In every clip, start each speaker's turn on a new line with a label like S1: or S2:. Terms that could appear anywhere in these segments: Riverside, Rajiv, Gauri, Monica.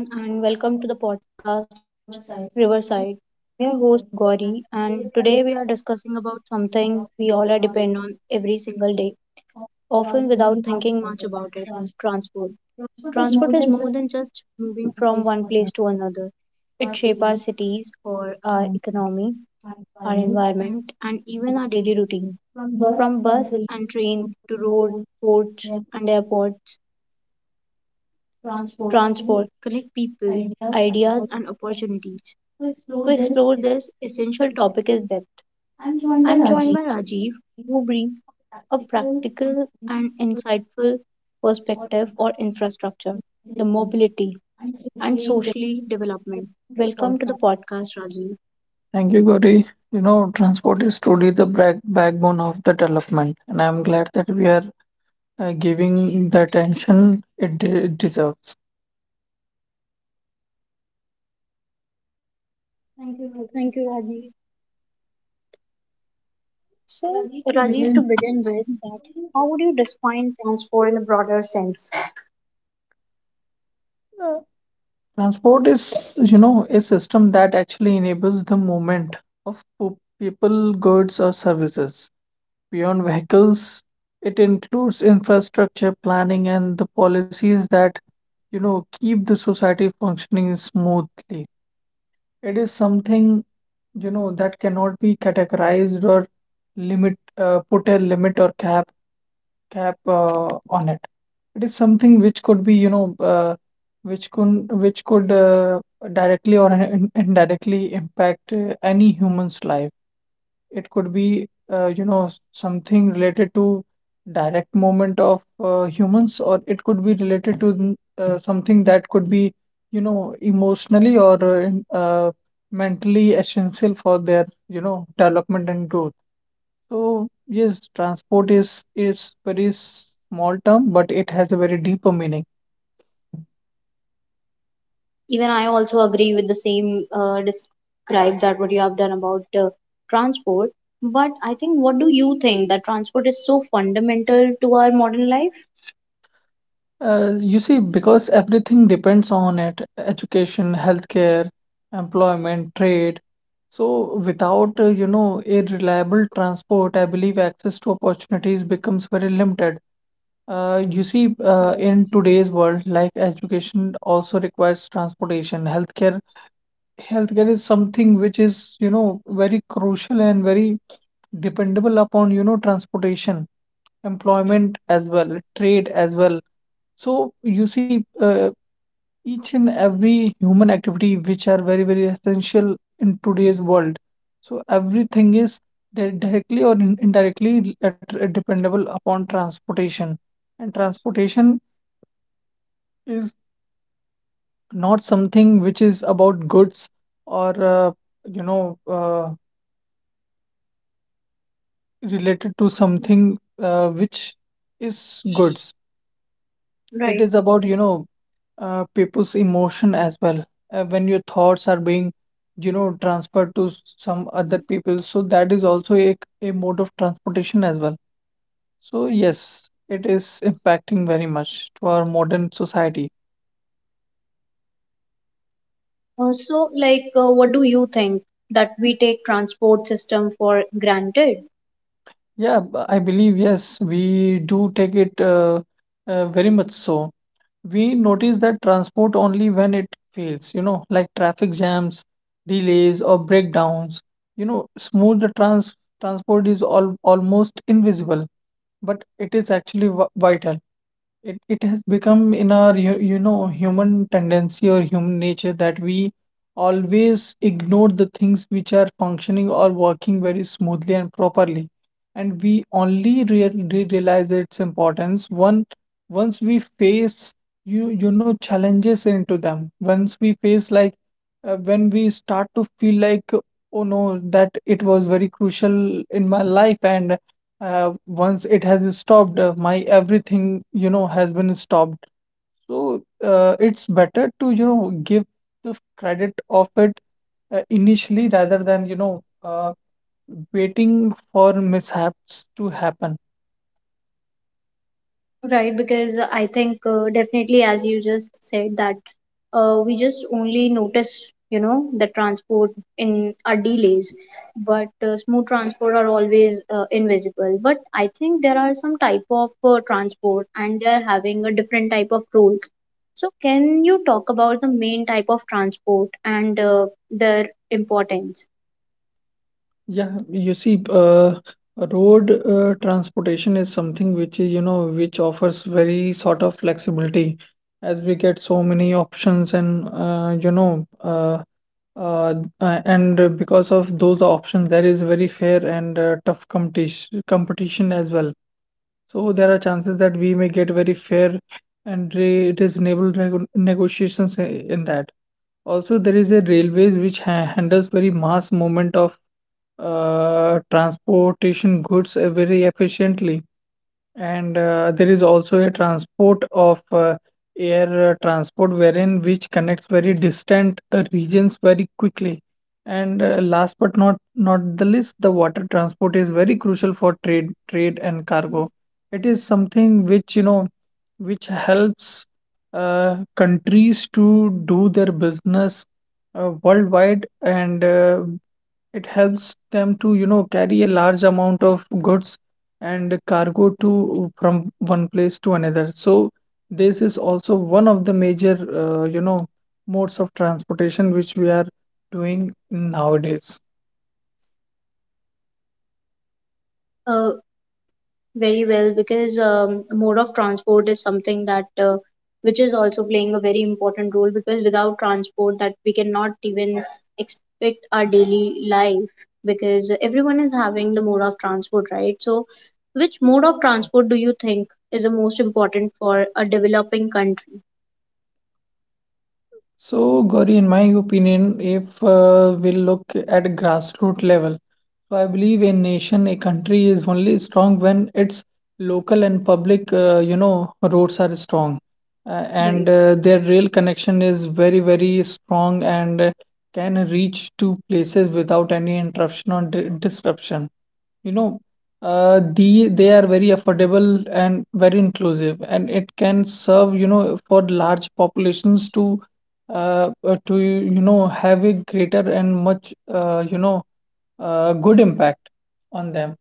S1: Hello, everyone, and welcome to the podcast Riverside. I'm your host Gauri, and today we are discussing about something we all are depend on every single day, often without thinking much about it: transport. Transport is more than just moving from one place to another. It shapes our cities or our economy, our environment, and even our daily routine. From bus and train to road, ports, and airports, transport connect people, ideas, and opportunities. To explore this essential topic is depth. I'm joined by Rajiv, who brings a practical and insightful perspective on infrastructure, the mobility, and socially development. Welcome to the podcast, Rajiv.
S2: Thank you, Gauri. You know, transport is truly the backbone of the development, and I'm glad that we are giving the attention it deserves.
S1: Thank you, Rajiv. So, Rajiv, to begin with, that how would you define transport in a broader sense?
S2: Transport is, you know, a system that actually enables the movement of people, goods, or services. Beyond vehicles, it includes infrastructure planning and the policies that, you know, keep the society functioning smoothly. It is something, you know, that cannot be categorized or put a limit or cap on it. It is something which could be, you know, which could directly or indirectly impact any human's life. It could be, something related to direct movement of humans, or it could be related to something that could be, you know, emotionally or mentally essential for their, you know, development and growth. So yes, transport is very small term, but it has a very deeper meaning.
S1: Even I also agree with the same describe that what you have done about transport. But I think, what do you think that transport is so fundamental to our modern life?
S2: You see, because everything depends on it, education, healthcare, employment, trade. So without, you know, a reliable transport, I believe access to opportunities becomes very limited.
S1: Correct.
S2: In today's world, like education also requires transportation, healthcare is something which is, you know, very crucial and very dependable upon, you know, transportation, employment as well, trade as well. So you see, each and every human activity which are very, very essential in today's world. So everything is directly or indirectly dependable upon transportation. And transportation is not something which is about goods or you know uh, related to something which is goods.
S1: Right.
S2: It is about, you know, people's emotion as well. When your thoughts are being, you know, transferred to some other people, so that is also a mode of transportation as well. So,
S1: Right.
S2: yes, it is impacting very much to our modern society.
S1: Also, like, what do you think that we take transport system for granted?
S2: Yeah, I believe, yes, we do take it very much so. We notice that transport only when it fails, you know, like traffic jams, delays, or breakdowns. You know, smooth the transport is all almost invisible, but it is actually v vital. It has become in our you know human tendency or human nature that we always ignore the things which are functioning or working very smoothly and properly, and we only realize its importance one once we face challenges into them. Once we face like when we start to feel like oh no that it was very crucial in my life, and once it has stopped, my everything you know has been stopped, so it's better to you know give the credit of it initially rather than waiting for mishaps to happen.
S1: Right, because I think definitely, as you just said, that we just only notice, you know, the transport in our delays, but smooth transport are always invisible. But I think there are some type of transport, and they are having a different type of rules. So, can you talk about the main type of transport and their importance?
S2: Yeah, you see, road transportation is something which, is, you know, which offers very sort of flexibility as we get so many options and, uh, and because of those options, there is very fair and tough competition as well. So there are chances that we may get very fair and re reasonable negotiations in that. Also, there is a railways which ha handles very mass movement of transportation goods very efficiently. And there is also a transport of air transport wherein which connects very distant regions very quickly. And last but not the least, the water transport is very crucial for trade and cargo. It is something which you know which helps countries to do their business worldwide, and it helps them to you know carry a large amount of goods and cargo to from one place to another. So this is also one of the major, you know, modes of transportation which we are doing nowadays.
S1: Uh, very well because mode of transport is something that which is also playing a very important role because without transport that we cannot even expect our daily life because everyone is having the mode of transport, right? So which mode of transport do you think is the most important for a developing country?
S2: So, Gauri, in my opinion, if we look at grassroots level, so I believe a nation, a country is only strong when its local and public, you know, roads are strong, uh,
S1: Right.
S2: and their rail connection is very, very strong, and can reach to places without any interruption or di disruption. You know, they are very affordable and very inclusive, and it can serve, you know, for large populations to you know have a greater and much good impact on them.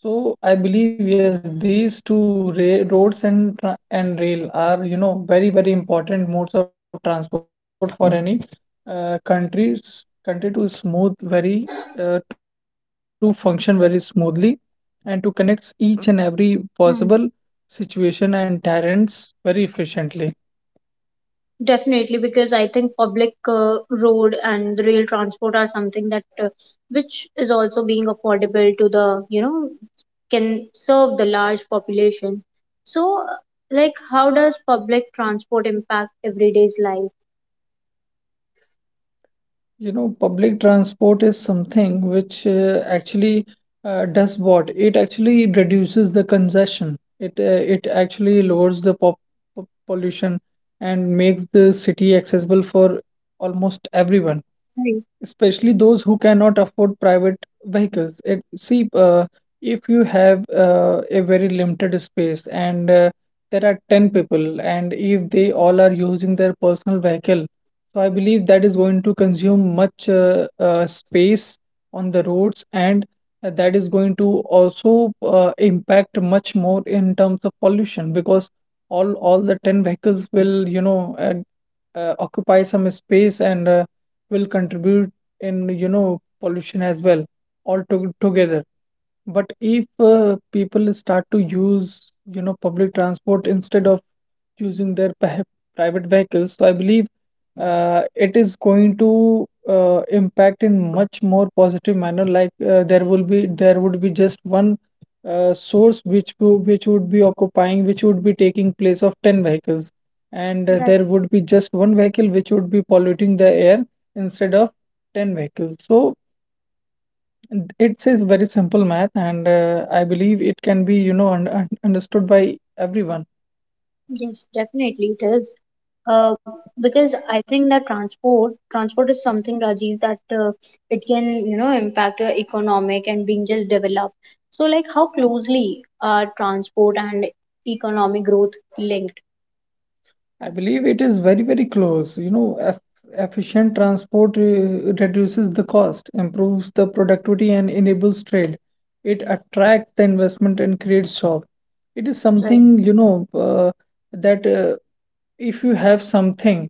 S2: So I believe yes, these two ra roads and tra and rail are you know very very important modes of transport for any countries country to smooth very to function very smoothly and to connect each and every possible situation and
S1: Hmm.
S2: terrains very efficiently.
S1: Definitely, because I think public road and rail transport are something that which is also being affordable to the, you know, can serve the large population. So, like, how does public transport impact everyday's life?
S2: You know, public transport is something which actually does what? It actually reduces the congestion. It actually lowers the pollution and makes the city accessible for almost everyone,
S1: Right.
S2: especially those who cannot afford private vehicles. It, see, if you have a very limited space and there are 10 people, and if they all are using their personal vehicle, so I believe that is going to consume much space on the roads, and that is going to also impact much more in terms of pollution because all the 10 vehicles will, you know, occupy some space and will contribute in you know pollution as well all together. But if people start to use you know public transport instead of using their private vehicles, so I believe uh, it is going to impact in much more positive manner, like there would be just one source which would be taking place of 10 vehicles, and
S1: Right.
S2: there would be just one vehicle which would be polluting the air instead of 10 vehicles. So it's a very simple math, and I believe it can be, you know, understood by everyone.
S1: Yes, definitely it is. Uh, because I think that transport is something, Rajiv, that it can, you know, impact your economic and being just developed. So like how closely are transport and economic growth linked?
S2: I believe it is very, very close. You know, efficient transport reduces the cost, improves the productivity, and enables trade. It attracts the investment and creates job. It is
S1: Right.
S2: something, you know, that if you have something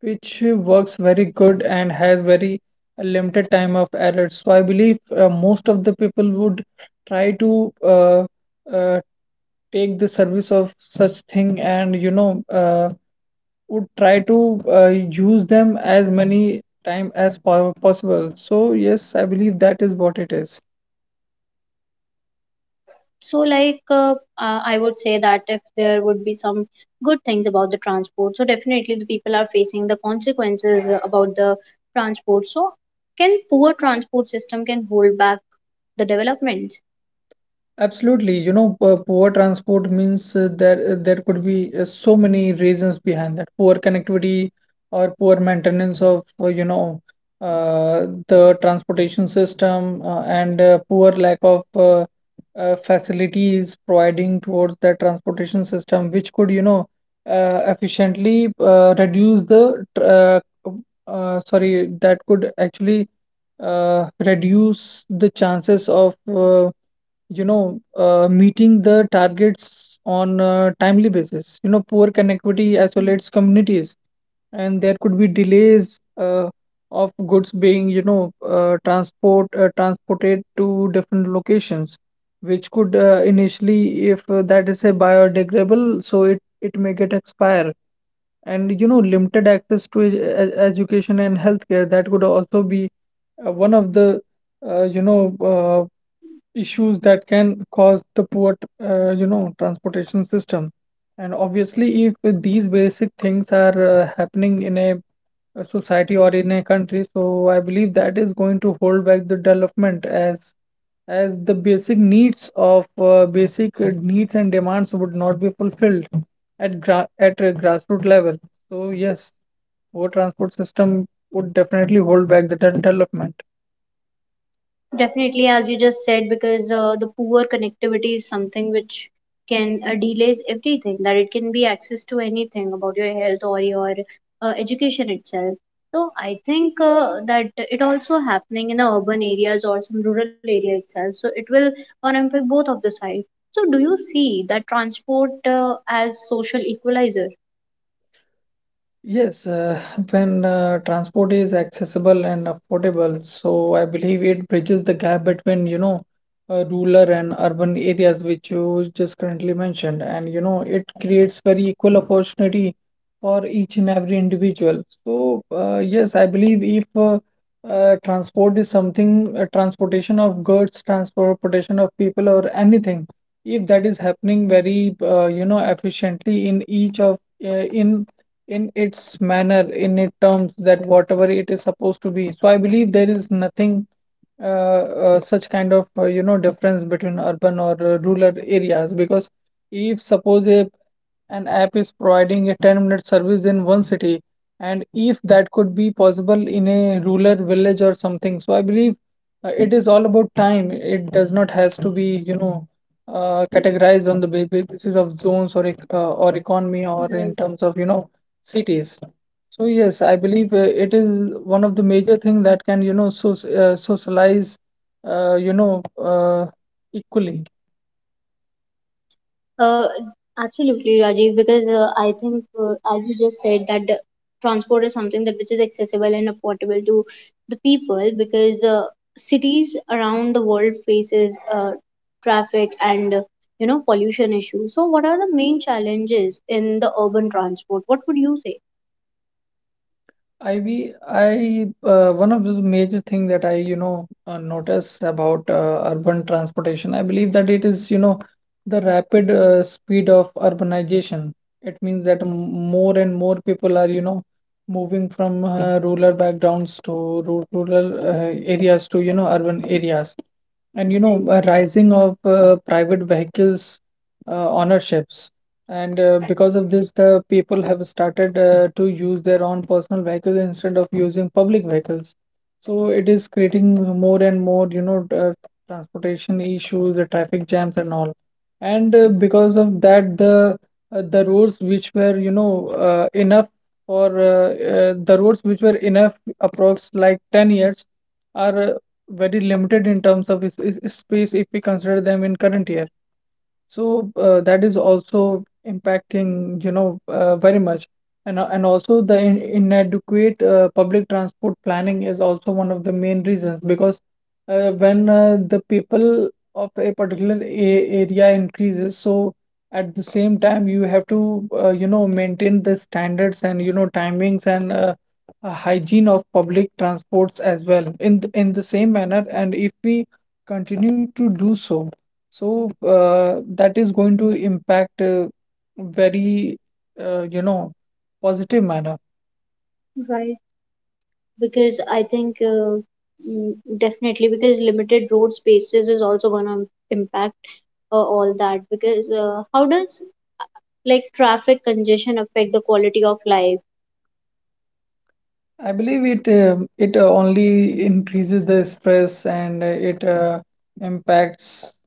S2: which works very good and has very limited time of error. So I believe most of the people would try to uh, take the service of such thing, and you know would try to uh, use them as many time as possible. So yes, I believe that is what it is.
S1: So, like, I would say that if there would be some good things about the transport, so definitely the people are facing the consequences about the transport. So, can poor transport system can hold back the development?
S2: Absolutely, you know, poor transport means there could be so many reasons behind that. Poor connectivity or poor maintenance of the transportation system, and poor lack of facilities providing towards that transportation system, which could you know efficiently reduce the tr- sorry that could actually reduce the chances of you know, meeting the targets on a timely basis. You know, poor connectivity isolates communities, and there could be delays of goods being, you know, transported to different locations, which could initially, if that is a biodegradable, so it may get expire, and you know limited access to education and healthcare, that could also be one of the uh, you know uh, issues that can cause the poor you know transportation system. And obviously if these basic things are happening in a society or in a country, so I believe that is going to hold back the development, as the basic needs of basic needs and demands would not be fulfilled at a grassroots level. So yes, poor transport system would definitely hold back the development.
S1: Definitely, as you just said, because the poor connectivity is something which can delays everything, that it can be access to anything about your health or your education itself. So I think that it also happening in the urban areas or some rural area itself. So it will gonna impact both of the side. So do you see that transport as social equalizer?
S2: Yes, when transport is accessible and affordable, so I believe it bridges the gap between, you know, rural and urban areas, which you just currently mentioned. And, you know, it creates very equal opportunity for each and every individual. So, yes, I believe if transport is something, transportation of goods, transportation of people, or anything, if that is happening very, you know, efficiently in each of, uh, in in its manner, in its terms, that whatever it is supposed to be. So I believe there is nothing uh, such kind of you know difference between urban or rural areas because if suppose a an app is providing a 10-minute service in one city, and if that could be possible in a rural village or something. So I believe it is all about time. It does not has to be categorized on the basis of zones or or economy or in terms of you know cities. So yes, I believe it is one of the major thing that can you know so socialize, uh, you know uh, equally.
S1: Uh, absolutely, Rajiv, because I think, as you just said, that the transport is something that which is accessible and affordable to the people because cities around the world faces traffic and you know pollution issues. So, what are the main challenges in the urban transport? What would you say?
S2: I be I one of the major thing that I notice about urban transportation, I believe that it is you know the rapid speed of urbanization. It means that more and more people are you know moving from rural backgrounds to rural areas to you know urban areas, and you know
S1: Right,
S2: a rising of private vehicles ownerships. And because of this, the people have started to use their own personal vehicles instead of using public vehicles. So it is creating more and more, transportation issues, the traffic jams and all. And because of that, the roads which were, enough for the roads which were enough, approx like 10 years, are very limited in terms of space if we consider them in current year. So that is also impacting, very much. And also the in inadequate public transport planning is also one of the main reasons because when the people of a particular a area increases, so at the same time you have to, maintain the standards and, you know, timings and hygiene of public transports as well in in the same manner. And if we continue to do so, so that is going to impact, very you know positive manner.
S1: right. Because I think mm, definitely because limited road spaces is also going to impact all that. Because how does, like, traffic congestion affect the quality of life?
S2: I believe it only increases the stress and it impacts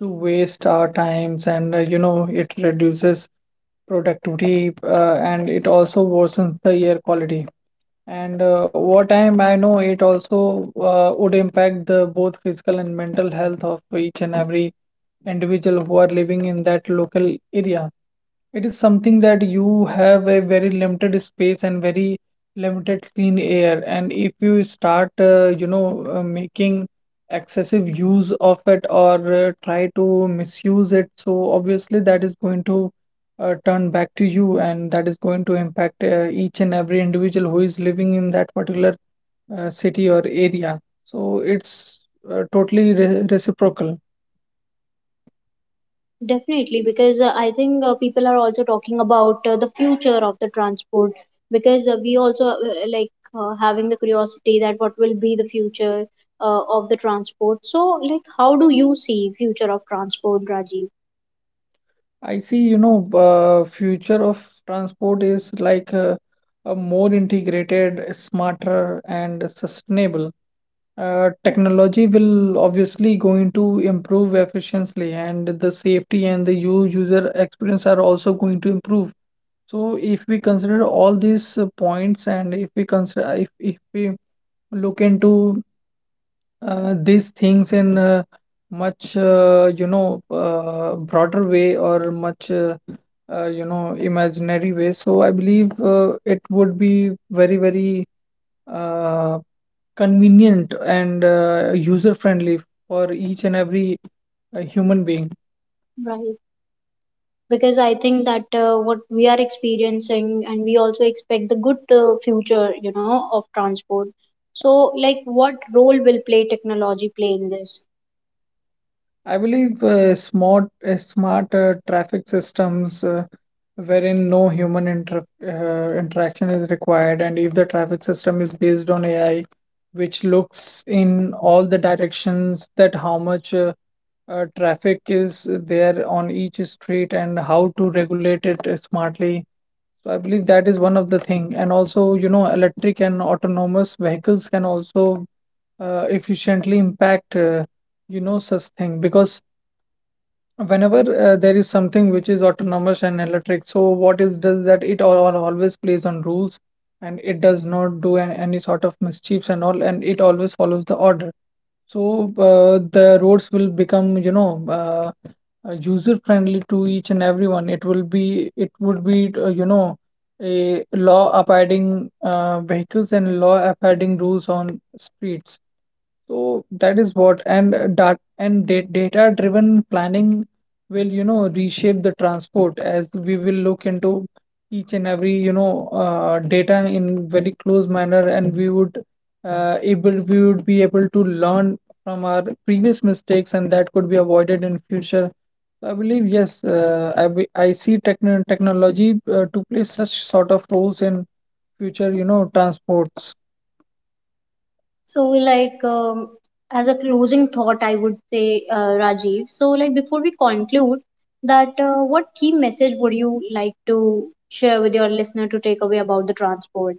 S2: to waste our times, and you know it reduces productivity, and it also worsens the air quality. And what time I know it also would impact the both physical and mental health of each and every individual who are living in that local area. It is something that you have a very limited space and very limited clean air. And if you start, making excessive use of it or try to misuse it, so obviously that is going to turn back to you, and that is going to impact each and every individual who is living in that particular city or area. So it's totally re reciprocal.
S1: Definitely, because I think people are also talking about the future of the transport because we also like having the curiosity that what will be the future of the transport. So like how do you see future of transport, Rajiv?
S2: I see, future of transport is like a more integrated, smarter, and sustainable. Technology will obviously going to improve efficiently, and the safety and the user experience are also going to improve. So, if we consider all these points, and if we consider if we look into these things in much you know broader way or much you know imaginary way. So I believe it would be very very uh, convenient and user friendly for each and every human being.
S1: Right, because I think that what we are experiencing and we also expect the good future, you know, of transport. So like what role will play technology play in this?
S2: I believe smart traffic systems, wherein no human interaction is required, and if the traffic system is based on AI, which looks in all the directions that how much traffic is there on each street and how to regulate it smartly. So I believe that is one of the thing. And also, you know, electric and autonomous vehicles can also efficiently impact, you know, such thing. Because whenever there is something which is autonomous and electric, so what is does that it all always plays on rules, and it does not do any sort of mischiefs and all, and it always follows the order. So the roads will become, user friendly to each and everyone. It would be, you know, a law abiding vehicles and law abiding rules on streets. So that is what. And data driven planning will, you know, reshape the transport as we will look into each and every, data in very close manner, and we would able we would be able to learn from our previous mistakes, and that could be avoided in future. So I believe yes, I see technology to play such sort of roles in future, you know, transports.
S1: So, like, as a closing thought, I would say, Rajiv. So, like, before we conclude, that what key message would you like to share with your listener to take away about the transport?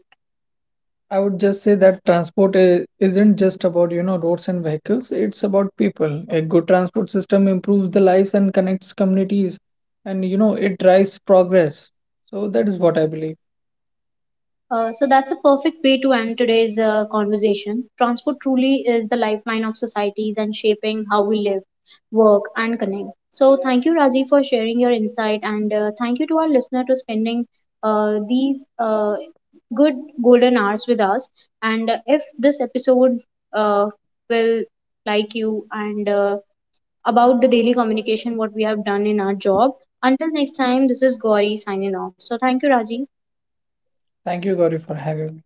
S2: I would just say that transport is, isn't just about, you know, roads and vehicles, it's about people. A good transport system improves the lives and connects communities, and, you know, it drives progress. So that is what I believe.
S1: So that's a perfect way to end today's conversation. Transport truly is the lifeline of societies and shaping how we live, work, and connect. So thank you, Rajiv, for sharing your insight, and thank you to our listener to spending these good golden hours with us. And if this episode uh, will like you and about the daily communication, what we have done in our job. Until next time, this is Gauri signing off. So thank you, Rajiv.
S2: Thank you, Gauri, for having me.